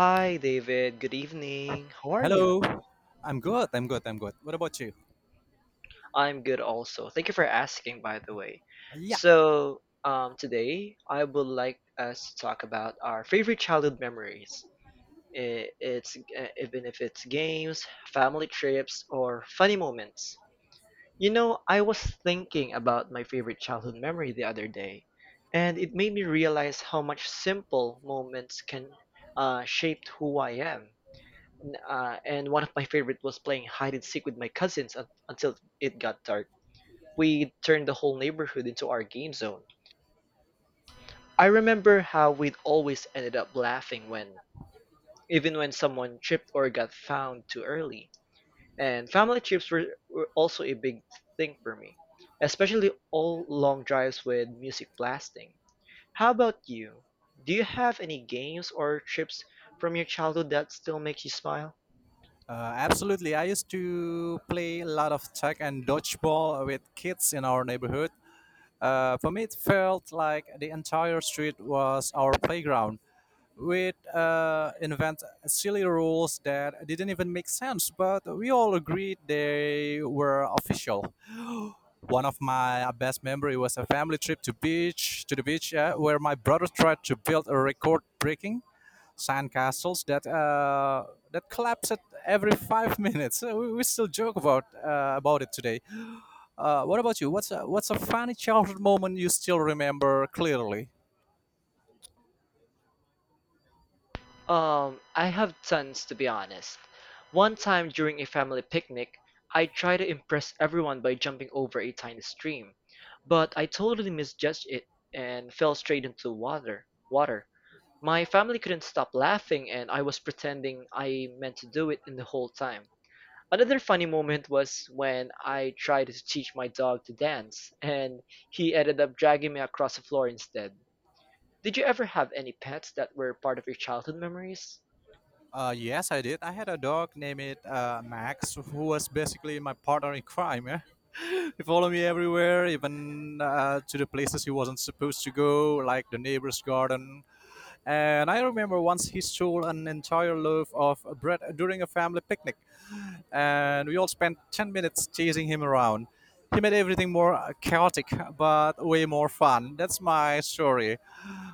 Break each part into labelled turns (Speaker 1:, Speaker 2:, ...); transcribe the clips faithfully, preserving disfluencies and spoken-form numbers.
Speaker 1: Hi, David. Good evening. How are you?
Speaker 2: Hello. I'm good. I'm good. I'm good. What about you?
Speaker 1: I'm good also. Thank you for asking, by the way.
Speaker 2: Yeah,
Speaker 1: So, um, today I would like us to talk about our favorite childhood memories. I- It's uh, even if it's games, family trips, or funny moments. You know, I was thinking about my favorite childhood memory the other day, and it made me realize how much simple moments can uh, shape who I am. N- Uh, and one of my favorite was playing hide and seek with my cousins un- until it got dark. We turned the whole neighborhood into our game zone. I remember how we'd always ended up laughing when, even when someone tripped or got found too early. And family trips were, were also a big thing for me, especially all long drives with music blasting. How about you? Do you have any games or trips from your childhood that still makes you smile?
Speaker 2: uh, Absolutely. I used to play a lot of tag and dodgeball with kids in our neighborhood. Uh, for me, it felt like the entire street was our playground. We'd uh, invent silly rules that didn't even make sense, but we all agreed they were official. One of my best memory was a family trip to beach to the beach, yeah, where my brother tried to build a record-breaking sandcastles that uh, that collapse at every five minutes. Uh, We, we still joke about uh, about it today. Uh, what about you? What's a, what's a funny childhood moment you still remember clearly?
Speaker 1: Um, I have tons to be honest. One time during a family picnic, I tried to impress everyone by jumping over a tiny stream, but I totally misjudged it and fell straight into water. Water. My family couldn't stop laughing and I was pretending I meant to do it in the whole time. Another funny moment was when I tried to teach my dog to dance and he ended up dragging me across the floor instead. Did you ever have any pets that were part of your childhood memories?
Speaker 2: Uh, yes, I did. I had a dog named uh, Max, who was basically my partner in crime. Yeah? He followed me everywhere, even uh, to the places he wasn't supposed to go, like the neighbor's garden. And I remember once he stole an entire loaf of bread during a family picnic, and we all spent ten minutes chasing him around. He made everything more chaotic, but way more fun. That's my story.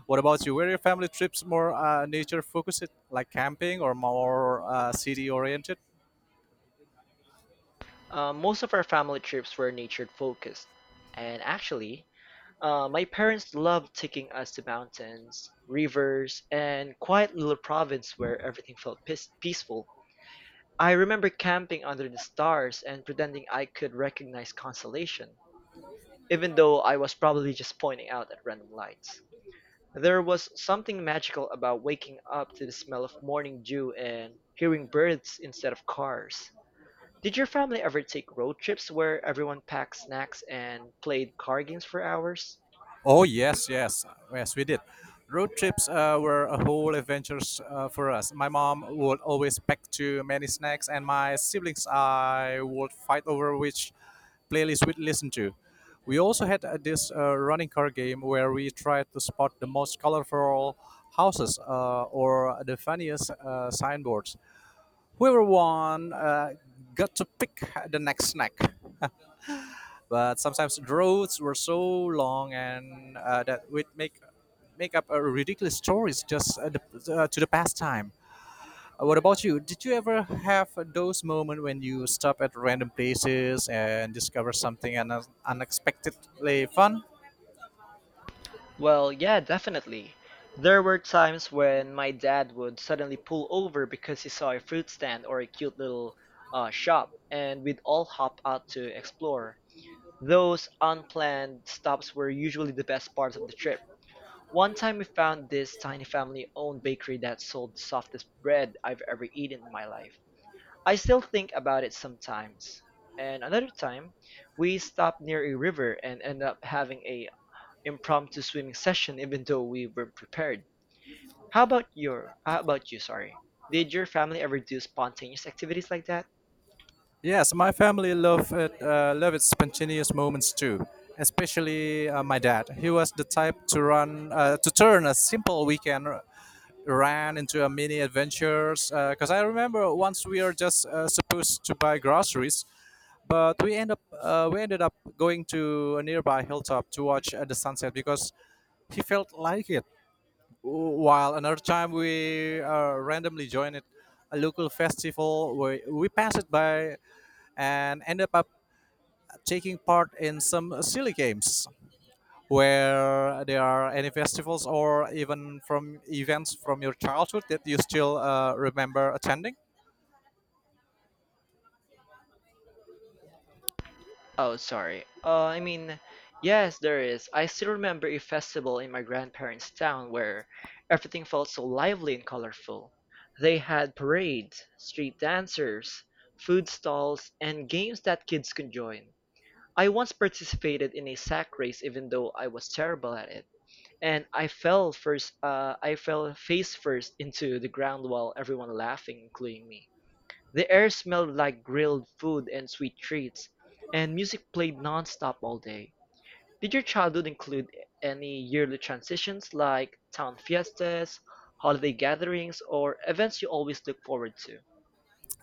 Speaker 2: What about you? Were your family trips more uh, nature focused, like camping, or more uh, city oriented?
Speaker 1: Um, most of our family trips were nature focused, and actually, uh, my parents loved taking us to mountains, rivers, and quiet little province where everything felt peace- peaceful. I remember camping under the stars and pretending I could recognize constellation, even though I was probably just pointing out at random lights. There was something magical about waking up to the smell of morning dew and hearing birds instead of cars. Did your family ever take road trips where everyone packed snacks and played card games for hours?
Speaker 2: Oh yes, yes, yes, we did. Road trips uh, were a whole adventure uh, for us. My mom would always pack too many snacks, and my siblings I would fight over which playlist we'd listen to. We also had uh, this uh, running car game where we tried to spot the most colorful houses uh, or the funniest uh, signboards. Whoever won uh, got to pick the next snack, but sometimes the roads were so long and uh, that would make make up a ridiculous stories just uh, the, uh, to the pastime. Uh, what about you? Did you ever have those moments when you stop at random places and discover something un- unexpectedly fun?
Speaker 1: Well, yeah, definitely. There were times when my dad would suddenly pull over because he saw a fruit stand or a cute little uh, shop, and we'd all hop out to explore. Those unplanned stops were usually the best parts of the trip. One time we found this tiny family owned bakery that sold the softest bread I've ever eaten in my life. I still think about it sometimes. And another time, we stopped near a river and ended up having a impromptu swimming session even though we weren't prepared. How about your how about you, sorry? Did your family ever do spontaneous activities like that?
Speaker 2: Yes, my family love it. Uh, love its spontaneous moments too. Especially uh, my dad. He was the type to run uh, to turn a simple weekend ran into a mini adventures because I remember once we were just uh, supposed to buy groceries, but we end up uh, we ended up going to a nearby hilltop to watch uh, the sunset because he felt like it. While another time we uh, randomly joined it a local festival where we passed it by and ended up taking part in some silly games. Where there are any festivals or even from events from your childhood that you still uh, remember attending?
Speaker 1: Oh, sorry. Uh, I mean, yes, there is. I still remember a festival in my grandparents' town where everything felt so lively and colorful. They had parades, street dancers, food stalls, and games that kids could join. I once participated in a sack race even though I was terrible at it, and I fell first uh, I fell face first into the ground while everyone laughing including me. The air smelled like grilled food and sweet treats, and music played non-stop all day. Did your childhood include any yearly transitions like town fiestas, holiday gatherings, or events you always look forward to?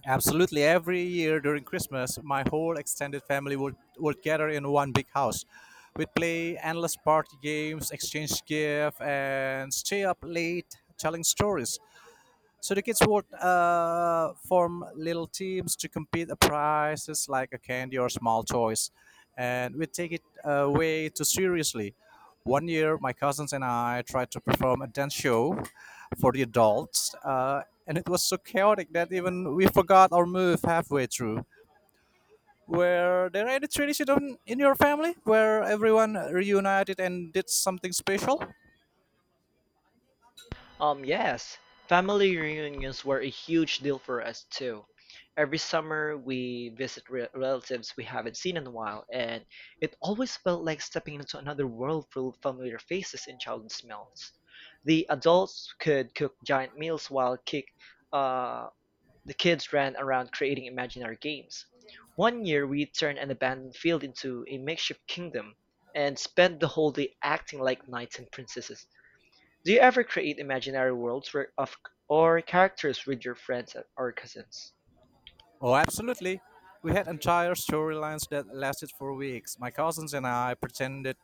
Speaker 2: Absolutely. Every year during Christmas, my whole extended family would, would gather in one big house. We'd play endless party games, exchange gifts, and stay up late telling stories. So the kids would uh, form little teams to compete at prizes like a candy or small toys, and we take it uh, way too seriously. One year, my cousins and I tried to perform a dance show for the adults, uh, and it was so chaotic that even we forgot our move halfway through. Were there any tradition on- in your family where everyone reunited and did something special?
Speaker 1: Um, yes, family reunions were a huge deal for us too. Every summer we visit re- relatives we haven't seen in a while, and it always felt like stepping into another world full of familiar faces and childhood smells. The adults could cook giant meals while kick, uh, the kids ran around creating imaginary games. One year we turned an abandoned field into a makeshift kingdom and spent the whole day acting like knights and princesses. Do you ever create imaginary worlds where of or characters with your friends or cousins?
Speaker 2: Oh, absolutely. We had entire storylines that lasted for weeks. My cousins and I pretended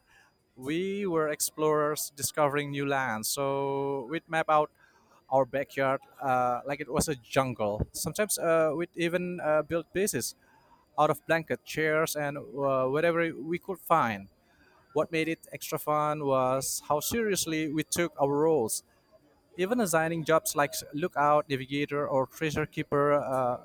Speaker 2: we were explorers discovering new lands. So we'd map out our backyard uh, like it was a jungle. Sometimes uh, we'd even uh, build bases out of blanket, chairs, and uh, whatever we could find. What made it extra fun was how seriously we took our roles. Even assigning jobs like lookout, navigator, or treasure keeper, uh,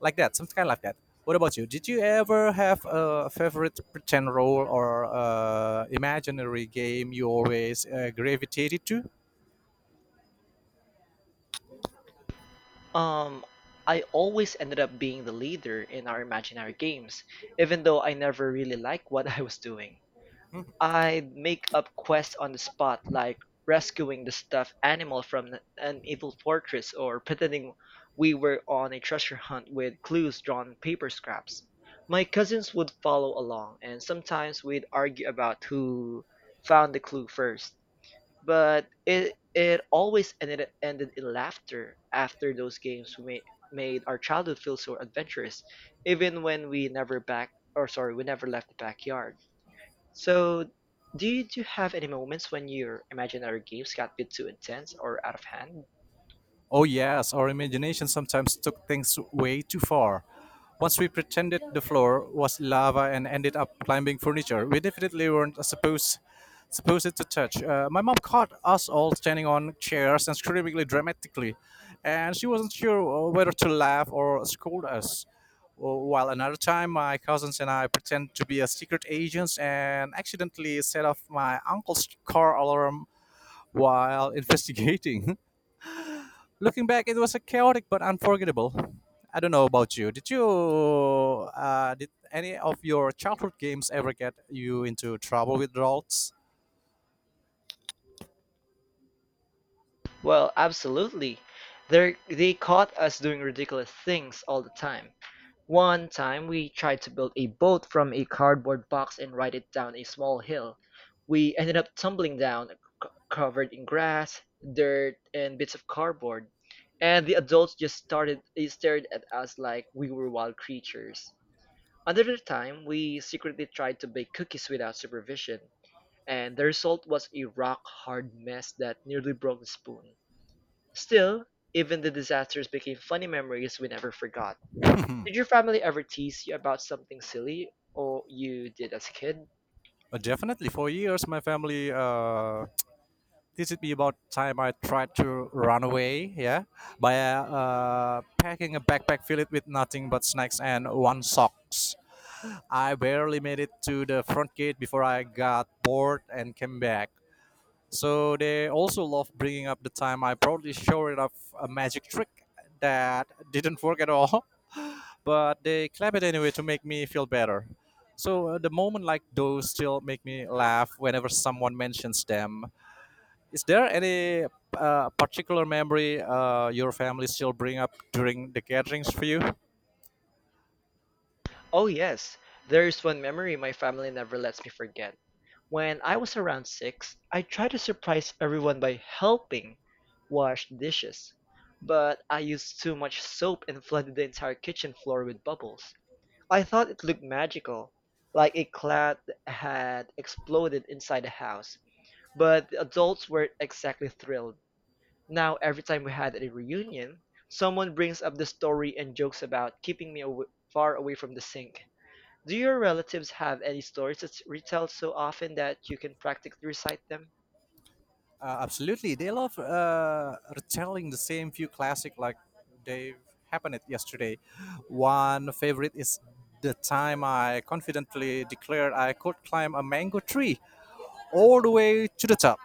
Speaker 2: like that, something kind like that. What about you? Did you ever have a favorite pretend role or uh, imaginary game you always uh, gravitated to?
Speaker 1: Um, I always ended up being the leader in our imaginary games, even though I never really liked what I was doing. I'd make up quests on the spot, like rescuing the stuffed animal from an evil fortress or pretending we were on a treasure hunt with clues drawn on paper scraps. My cousins would follow along, and sometimes we'd argue about who found the clue first. But it it always ended ended in laughter after those games made made our childhood feel so adventurous, even when we never back or sorry, we never left the backyard. So do you, do you have any moments when your imaginary games got a bit too intense or out of hand?
Speaker 2: Oh, yes, our imagination sometimes took things way too far. Once we pretended the floor was lava and ended up climbing furniture we definitely weren't supposed, supposed to touch. Uh, my mom caught us all standing on chairs and screaming dramatically, and she wasn't sure uh, whether to laugh or scold us. Uh, While another time, my cousins and I pretend to be a secret agents and accidentally set off my uncle's car alarm while investigating. Looking back, it was a chaotic but unforgettable. I don't know about you. Did you uh, did any of your childhood games ever get you into trouble with adults?
Speaker 1: Well, absolutely. They're, they caught us doing ridiculous things all the time. One time we tried to build a boat from a cardboard box and ride it down a small hill. We ended up tumbling down, c- covered in grass, dirt, and bits of cardboard. And the adults just started they stared at us like we were wild creatures. Another time, we secretly tried to bake cookies without supervision, and the result was a rock hard mess that nearly broke the spoon. Still, even the disasters became funny memories we never forgot. Did your family ever tease you about something silly or you did as a kid?
Speaker 2: Uh, definitely. For years, my family uh, teased me about time I tried to run away. Yeah, by uh, packing a backpack filled with nothing but snacks and one socks. I barely made it to the front gate before I got bored and came back. So they also love bringing up the time I proudly showed off a magic trick that didn't work at all, but they clap it anyway to make me feel better. So uh, the moment like those still make me laugh whenever someone mentions them. Is there any uh, particular memory uh, your family still bring up during the gatherings for you?
Speaker 1: Oh yes, there is one memory my family never lets me forget. When I was around six, I tried to surprise everyone by helping wash dishes, but I used too much soap and flooded the entire kitchen floor with bubbles. I thought it looked magical, like a cloud had exploded inside the house, but the adults weren't exactly thrilled. Now, every time we had a reunion, someone brings up the story and jokes about keeping me aw- far away from the sink. Do your relatives have any stories that retell so often that you can practically recite them?
Speaker 2: Uh, absolutely, they love uh, retelling the same few classic like they happened it yesterday. One favorite is the time I confidently declared I could climb a mango tree all the way to the top,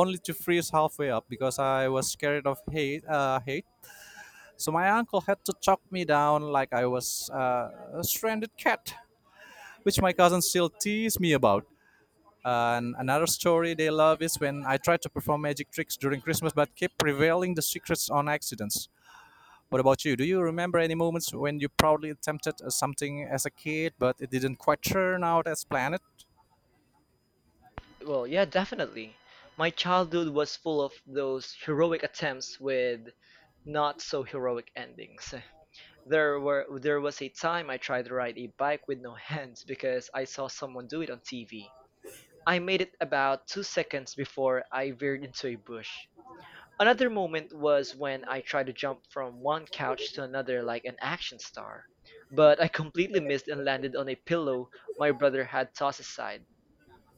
Speaker 2: only to freeze halfway up because I was scared of hate. Uh, hate. So my uncle had to chop me down like I was uh, a stranded cat, which my cousin still tease me about. And another story they love is when I tried to perform magic tricks during Christmas but kept revealing the secrets on accidents. What about you? Do you remember any moments when you proudly attempted uh, something as a kid but it didn't quite turn out as planned?
Speaker 1: Well, yeah, definitely. My childhood was full of those heroic attempts with not so heroic endings. There were there was a time I tried to ride a bike with no hands because I saw someone do it on T V. I made it about two seconds before I veered into a bush. Another moment was when I tried to jump from one couch to another like an action star, but I completely missed and landed on a pillow my brother had tossed aside.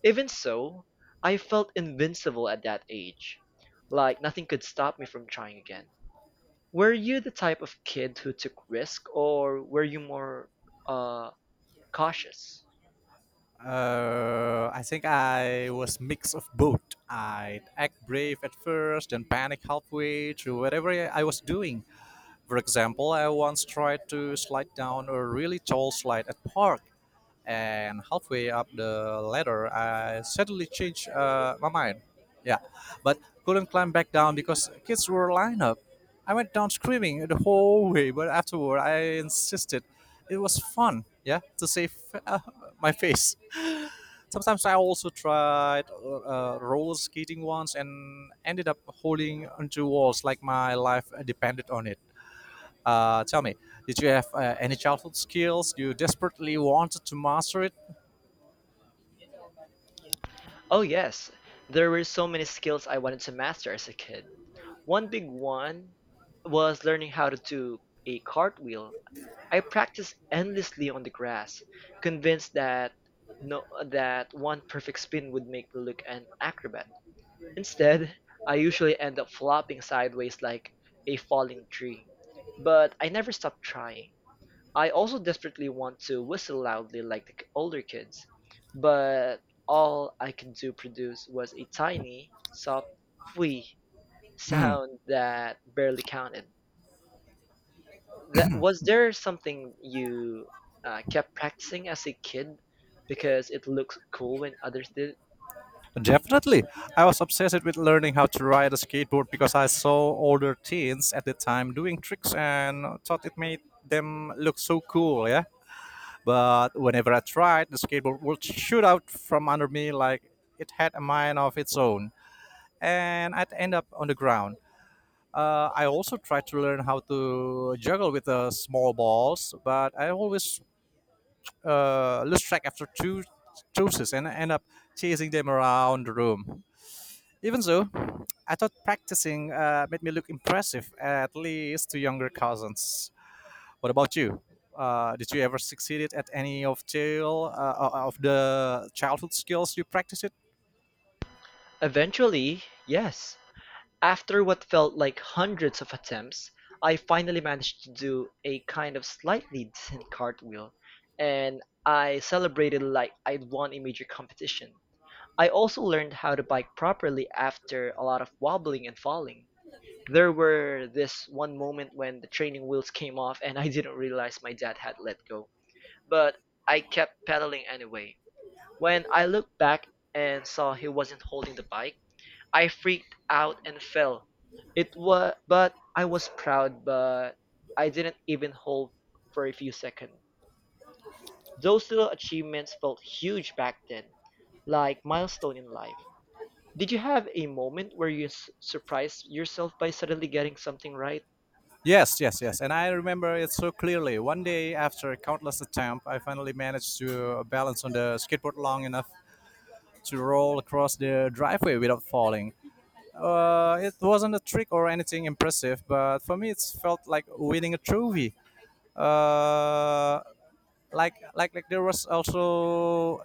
Speaker 1: Even so, I felt invincible at that age, like nothing could stop me from trying again. Were you the type of kid who took risk, or were you more uh, cautious?
Speaker 2: Uh, I think I was mix of both. I'd act brave at first, then panic halfway through whatever I was doing. For example, I once tried to slide down a really tall slide at park, and halfway up the ladder, I suddenly changed uh, my mind. Yeah, but couldn't climb back down because kids were lined up. I went down screaming the whole way, but afterward, I insisted it was fun. Yeah, to save uh, my face. Sometimes I also tried uh, roller skating once and ended up holding onto walls like my life depended on it. Uh, tell me, did you have uh, any childhood skills you desperately wanted to master it?
Speaker 1: Oh yes, there were so many skills I wanted to master as a kid. One big one was learning how to do a cartwheel. I practiced endlessly on the grass, convinced that no that one perfect spin would make me look an acrobat. Instead, I usually end up flopping sideways like a falling tree. But I never stopped trying. I also desperately want to whistle loudly like the k- older kids, but all I could do produce was a tiny, soft "fwee"
Speaker 2: Hmm.
Speaker 1: sound that barely counted. That was there something you uh, kept practicing as a kid because it looks cool when others did?
Speaker 2: Definitely. I was obsessed with learning how to ride a skateboard because I saw older teens at the time doing tricks and thought it made them look so cool, yeah? But whenever I tried, the skateboard would shoot out from under me like it had a mind of its own, and I'd end up on the ground. Uh, I also tried to learn how to juggle with uh, small balls, but I always uh, lose track after two choices and end up chasing them around the room. Even so, I thought practicing uh, made me look impressive, at least to younger cousins. What about you? Uh, did you ever succeeded at any of jail uh, uh, of the childhood skills you practiced? It?
Speaker 1: Eventually, yes. After what felt like hundreds of attempts, I finally managed to do a kind of slightly decent cartwheel, and I celebrated like I'd won a major competition. I also learned how to bike properly after a lot of wobbling and falling. There were this one moment when the training wheels came off and I didn't realize my dad had let go, but I kept pedaling anyway. When I looked back and saw he wasn't holding the bike, I freaked out and fell. It was, but I was proud, but I didn't even hold for a few seconds. Those little achievements felt huge back then, like milestone in life. Did you have a moment where you s- surprised yourself by suddenly getting something right?
Speaker 2: Yes, yes, yes. And I remember it so clearly. One day after countless attempts, I finally managed to balance on the skateboard long enough to roll across the driveway without falling. Uh, it wasn't a trick or anything impressive, but for me, it felt like winning a trophy. Uh, like like like there was also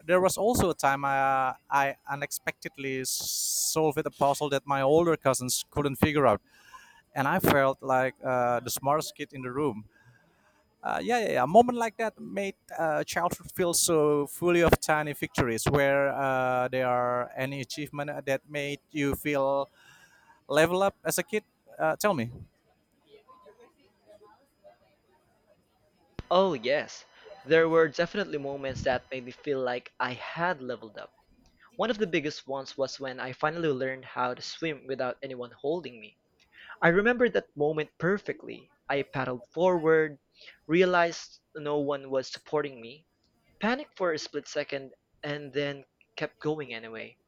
Speaker 2: there was also a time I uh, I unexpectedly solved a puzzle that my older cousins couldn't figure out, and I felt like uh, the smartest kid in the room. Uh, yeah, yeah, yeah. A moment like that made uh, childhood feel so fully of tiny victories. Where uh, there are any achievement that made you feel level up as a kid? Uh, tell me.
Speaker 1: Oh, yes. There were definitely moments that made me feel like I had leveled up. One of the biggest ones was when I finally learned how to swim without anyone holding me. I remember that moment perfectly. I paddled forward, realized no one was supporting me, panicked for a split second, and then kept going anyway.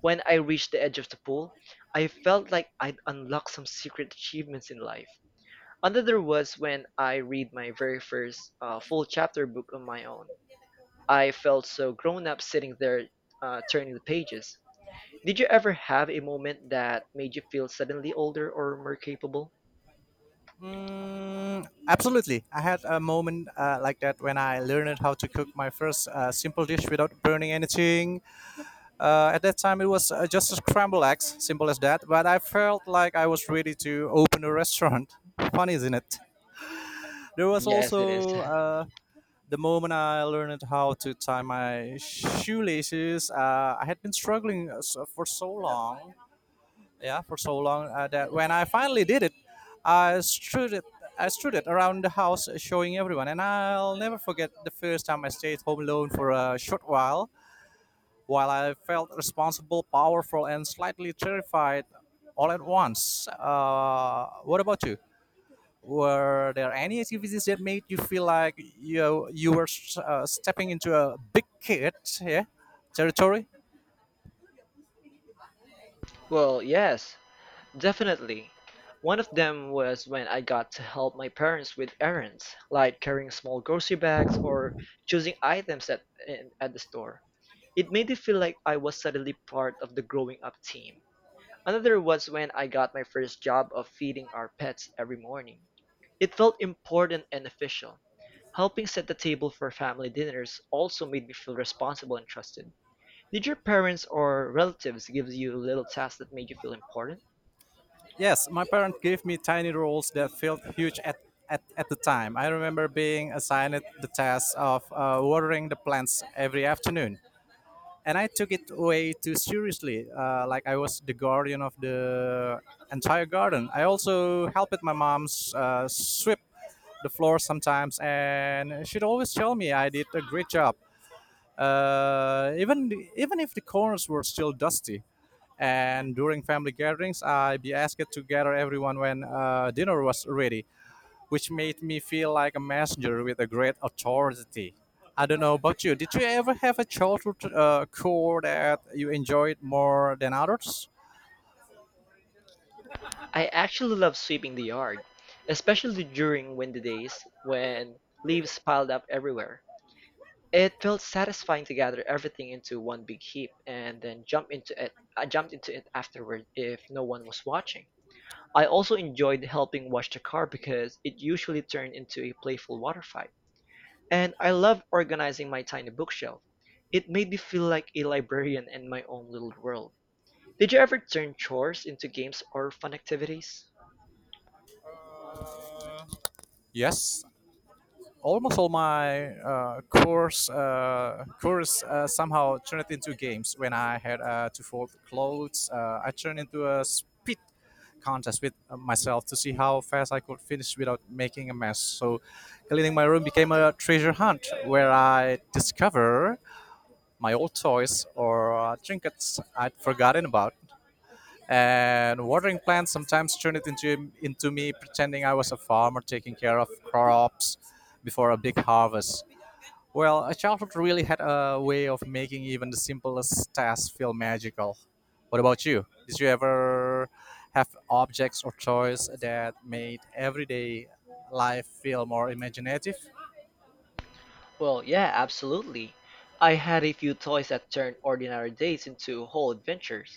Speaker 1: When I reached the edge of the pool, I felt like I'd unlocked some secret achievements in life. Another was when I read my very first uh, full chapter book on my own. I felt so grown up sitting there uh, turning the pages. Did you ever have a moment that made you feel suddenly older or more capable?
Speaker 2: Mm, absolutely. I had a moment uh, like that when I learned how to cook my first uh, simple dish without burning anything. Uh, at that time, it was uh, just a scrambled eggs, simple as that. But I felt like I was ready to open a restaurant. Fun, isn't it? There was
Speaker 1: Yes, it is.
Speaker 2: also uh, the moment I learned how to tie my shoelaces. Uh, I had been struggling uh, so- for so long, yeah for so long uh, that when I finally did it, I strewed it, I strewed it around the house uh, showing everyone, and I'll never forget the first time I stayed home alone for a short while. While I felt responsible, powerful, and slightly terrified all at once. Uh, what about you? Were there any activities that made you feel like you you were uh, stepping into a big kid, yeah, territory?
Speaker 1: Well, yes, definitely. One of them was when I got to help my parents with errands, like carrying small grocery bags or choosing items at, in- at the store. It made me feel like I was suddenly part of the growing up team. Another was when I got my first job of feeding our pets every morning. It felt important and official. Helping set the table for family dinners also made me feel responsible and trusted. Did your parents or relatives give you little tasks that made you feel important?
Speaker 2: Yes, my parents gave me tiny roles that felt huge at, at, at the time. I remember being assigned the task of uh, watering the plants every afternoon. And I took it way too seriously, uh, like I was the guardian of the entire garden. I also helped my mom uh, sweep the floor sometimes, and she'd always tell me I did a great job. Uh, even even if the corners were still dusty, and during family gatherings, I'd be asked to gather everyone when uh, dinner was ready, which made me feel like a messenger with a great authority. I don't know about you. Did you ever have a childhood uh, core that you enjoyed more than others?
Speaker 1: I actually love sweeping the yard, especially during windy days when leaves piled up everywhere. It felt satisfying to gather everything into one big heap and then jump into it. I jumped into it afterward if no one was watching. I also enjoyed helping wash the car because it usually turned into a playful water fight. And I loved organizing my tiny bookshelf. It made me feel like a librarian in my own little world. Did you ever turn chores into games or fun activities?
Speaker 2: Yes, almost all my uh, course uh, course uh, somehow turned into games. When I had uh, to fold clothes, uh, I turned into a speed contest with uh, myself to see how fast I could finish without making a mess. So, cleaning my room became a treasure hunt where I discover my old toys or uh, trinkets I'd forgotten about, and watering plants sometimes turned it into into me pretending I was a farmer taking care of crops before a big harvest. Well, a childhood really had a way of making even the simplest tasks feel magical. What about you? Did you ever have objects or toys that made everyday life feel more imaginative?
Speaker 1: Well, yeah, absolutely. I had a few toys that turned ordinary days into whole adventures.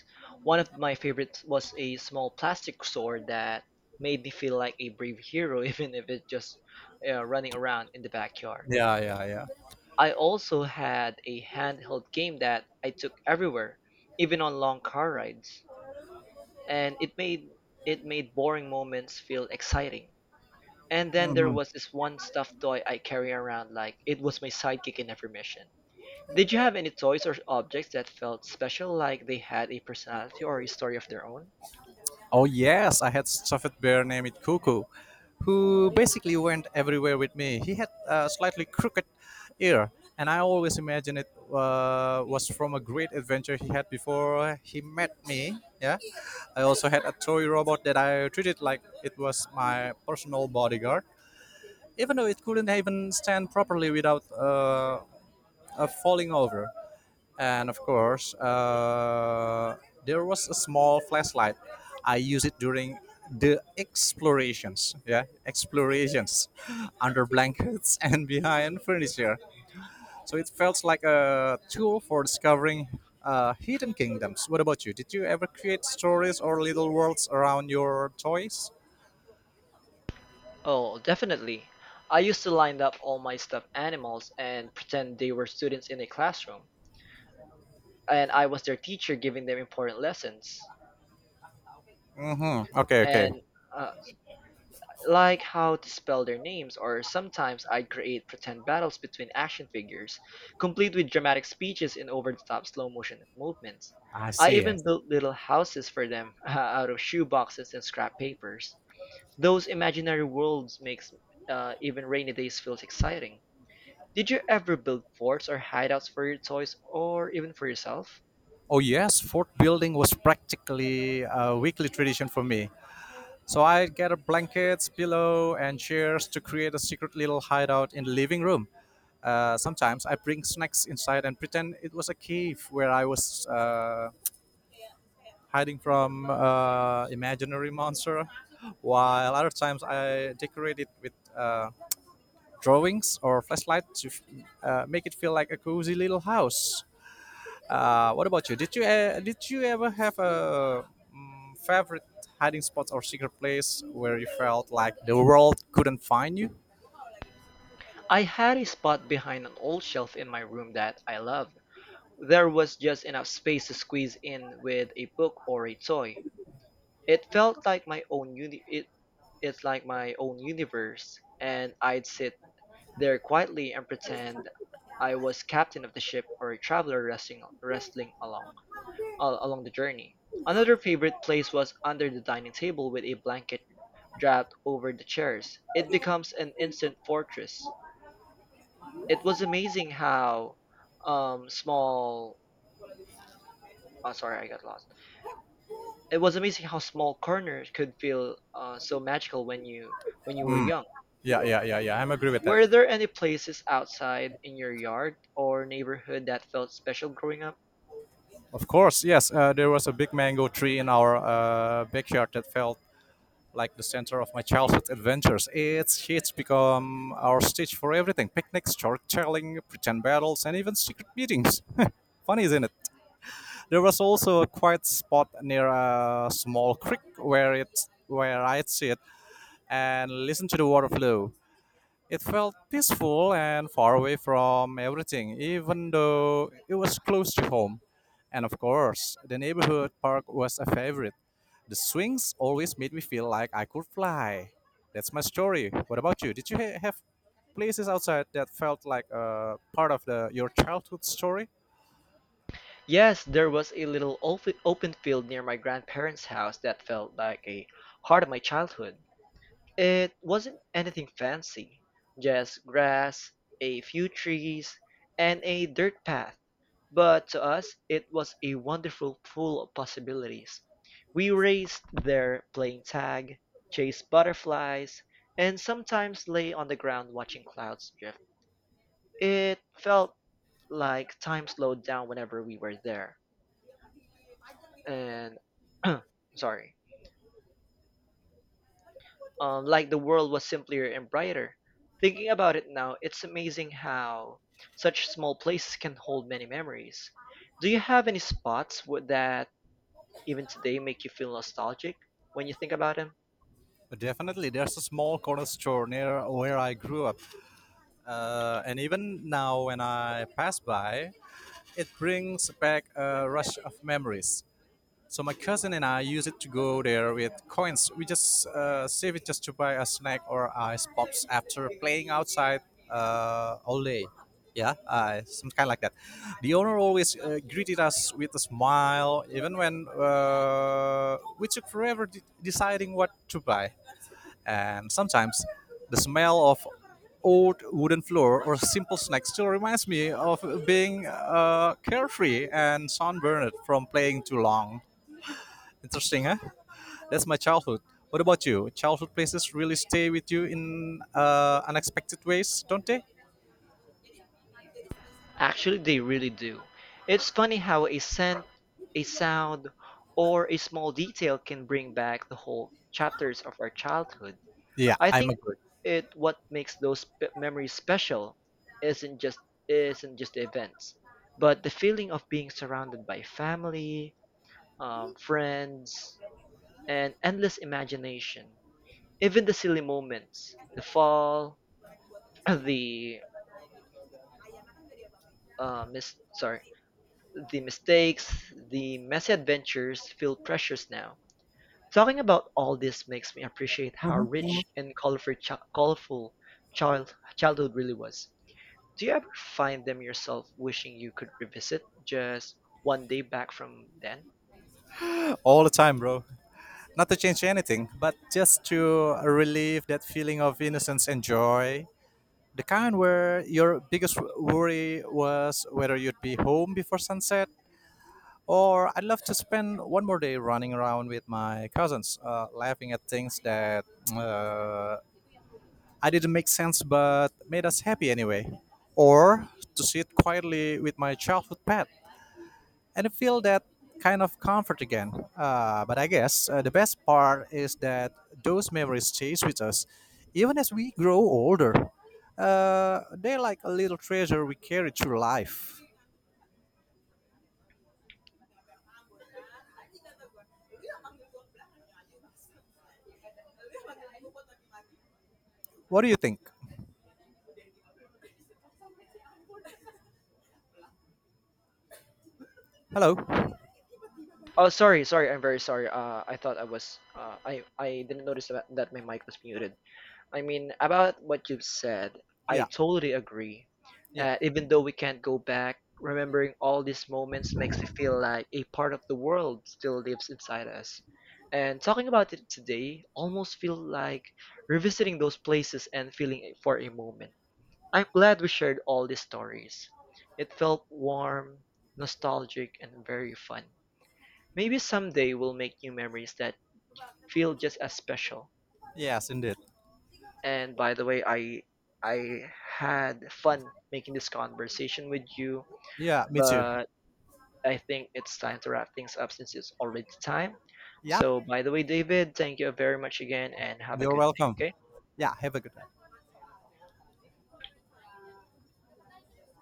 Speaker 1: One of my favorites was a small plastic sword that made me feel like a brave hero, even if it's just uh, running around in the backyard.
Speaker 2: Yeah, yeah,
Speaker 1: I also had a handheld game that I took everywhere, even on long car rides, and it made it made boring moments feel exciting. And then there
Speaker 2: yeah.
Speaker 1: was this one stuffed toy I carry around like it was my sidekick in every mission. Did you have any toys or objects that felt special like they had a personality or a story of their own?
Speaker 2: Oh yes, I had stuffed bear named Cuckoo, who basically went everywhere with me. He had a slightly crooked ear, and I always imagined it uh, was from a great adventure he had before he met me. Yeah, I also had a toy robot that I treated like it was my personal bodyguard, even though it couldn't even stand properly without uh, uh, falling over, and of course uh, there was a small flashlight I used it during the explorations, yeah, explorations under blankets and behind furniture, so it felt like a tool for discovering uh, hidden kingdoms. What about you? Did you ever create stories or little worlds around your toys?
Speaker 1: Oh, definitely. I used to line up all my stuffed animals and pretend they were students in a classroom, and I was their teacher giving them important lessons.
Speaker 2: Mm-hmm. Okay, okay.
Speaker 1: And uh, like how to spell their names, or sometimes I'd create pretend battles between action figures, complete with dramatic speeches and over the top slow motion movements.
Speaker 2: I
Speaker 1: I
Speaker 2: see. I-
Speaker 1: even built little houses for them out of shoe boxes and scrap papers. Those imaginary worlds makes uh, even rainy days feels exciting. Did you ever build forts or hideouts for your toys or even for yourself?
Speaker 2: Oh yes, fort building was practically a weekly tradition for me. So I gather blankets, pillow, and chairs to create a secret little hideout in the living room. Uh, sometimes I bring snacks inside and pretend it was a cave where I was uh, hiding from uh, imaginary monster. While other times I decorate it with uh, drawings or flashlight to uh, make it feel like a cozy little house. Uh, what about you? Did you uh, did you ever have a mm, favorite hiding spot or secret place where you felt like the world couldn't find you?
Speaker 1: I had a spot behind an old shelf in my room that I loved. There was just enough space to squeeze in with a book or a toy. It felt like my own uni- it, it's like my own universe, and I'd sit there quietly and pretend I was captain of the ship or a traveler wrestling wrestling along al- along the journey. Another favorite place was under the dining table with a blanket draped over the chairs. It becomes an instant fortress. It was amazing how um small. Oh, sorry, I got lost. It was amazing how small corners could feel uh, so magical when you when you were young.
Speaker 2: Yeah, yeah, yeah, yeah. I'm agree with that.
Speaker 1: Were there any places outside in your yard or neighborhood that felt special growing up?
Speaker 2: Of course, yes. Uh, there was a big mango tree in our uh, backyard that felt like the center of my childhood adventures. Its shades become our stage for everything: picnics, short telling, pretend battles, and even secret meetings. Funny, isn't it? There was also a quiet spot near a small creek where it where I'd sit and listen to the water flow. It felt peaceful and far away from everything, even though it was close to home. And of course, the neighborhood park was a favorite. The swings always made me feel like I could fly. That's my story. What about you? Did you ha- have places outside that felt like a part of the your childhood story?
Speaker 1: Yes, there was a little open open field near my grandparents' house that felt like a heart of my childhood. It wasn't anything fancy, just grass, a few trees, and a dirt path. But to us, it was a wonderful pool of possibilities. We raced there playing tag, chased butterflies, and sometimes lay on the ground watching clouds drift. It felt like time slowed down whenever we were there. And sorry, um, like the world was simpler and brighter. Thinking about it now, it's amazing how such small places can hold many memories. Do you have any spots wo- that even today make you feel nostalgic when you think about them?
Speaker 2: Definitely, there's a small corner store near where I grew up, uh, and even now when I pass by, it brings back a rush of memories. So my cousin and I used it to go there with coins. We just uh, save it just to buy a snack or ice pops after playing outside uh, all day. Yeah, uh, some kind like that. The owner always uh, greeted us with a smile, even when uh, we took forever de- deciding what to buy. And sometimes the smell of old wooden floor or simple snack still reminds me of being uh, carefree and sunburned from playing too long. Interesting, huh? That's my childhood. What about you? Childhood places really stay with you in uh, unexpected ways, don't they?
Speaker 1: Actually, they really do. It's funny how a scent, a sound, or a small detail can bring back the whole chapters of our childhood.
Speaker 2: Yeah,
Speaker 1: I
Speaker 2: I'm
Speaker 1: think
Speaker 2: agree.
Speaker 1: it what makes those p- memories special isn't just isn't just the events, but the feeling of being surrounded by family, um, friends, and endless imagination. Even the silly moments, the fall, the uh, mis- sorry, the mistakes, the messy adventures feel precious now. Talking about all this makes me appreciate how rich and colorful, chi- colorful child- childhood really was. Do you ever find them yourself wishing you could revisit just one day back from then?
Speaker 2: All the time, bro. Not to change anything, but just to relieve that feeling of innocence and joy. The kind where your biggest worry was whether you'd be home before sunset, or I'd love to spend one more day running around with my cousins, uh, laughing at things that uh, I didn't make sense but made us happy anyway, or to sit quietly with my childhood pet and I feel that kind of comfort again. Uh, but I guess uh, the best part is that those memories stay with us, even as we grow older. Uh, they're like a little treasure we carry through life. What do you think? Hello.
Speaker 1: Oh, sorry, sorry. I'm very sorry. Uh, I thought I was. Uh, I I didn't notice that, that my mic was muted. I mean, about what you've said, I
Speaker 2: Yeah.
Speaker 1: totally agree.
Speaker 2: Yeah.
Speaker 1: Uh, even though we can't go back, remembering all these moments makes me feel like a part of the world still lives inside us. And talking about it today almost feels like revisiting those places and feeling it for a moment. I'm glad we shared all these stories. It felt warm, nostalgic, and very fun. Maybe someday we'll make new memories that feel just as special.
Speaker 2: Yes, indeed.
Speaker 1: And by the way, I I had fun making this conversation with you,
Speaker 2: Yeah. Me too.
Speaker 1: but I think it's time to wrap things up since it's already time.
Speaker 2: Yeah.
Speaker 1: So by the way, David, thank you very much again and have a
Speaker 2: You're
Speaker 1: good day,
Speaker 2: welcome.
Speaker 1: okay?
Speaker 2: Yeah. Have a good day.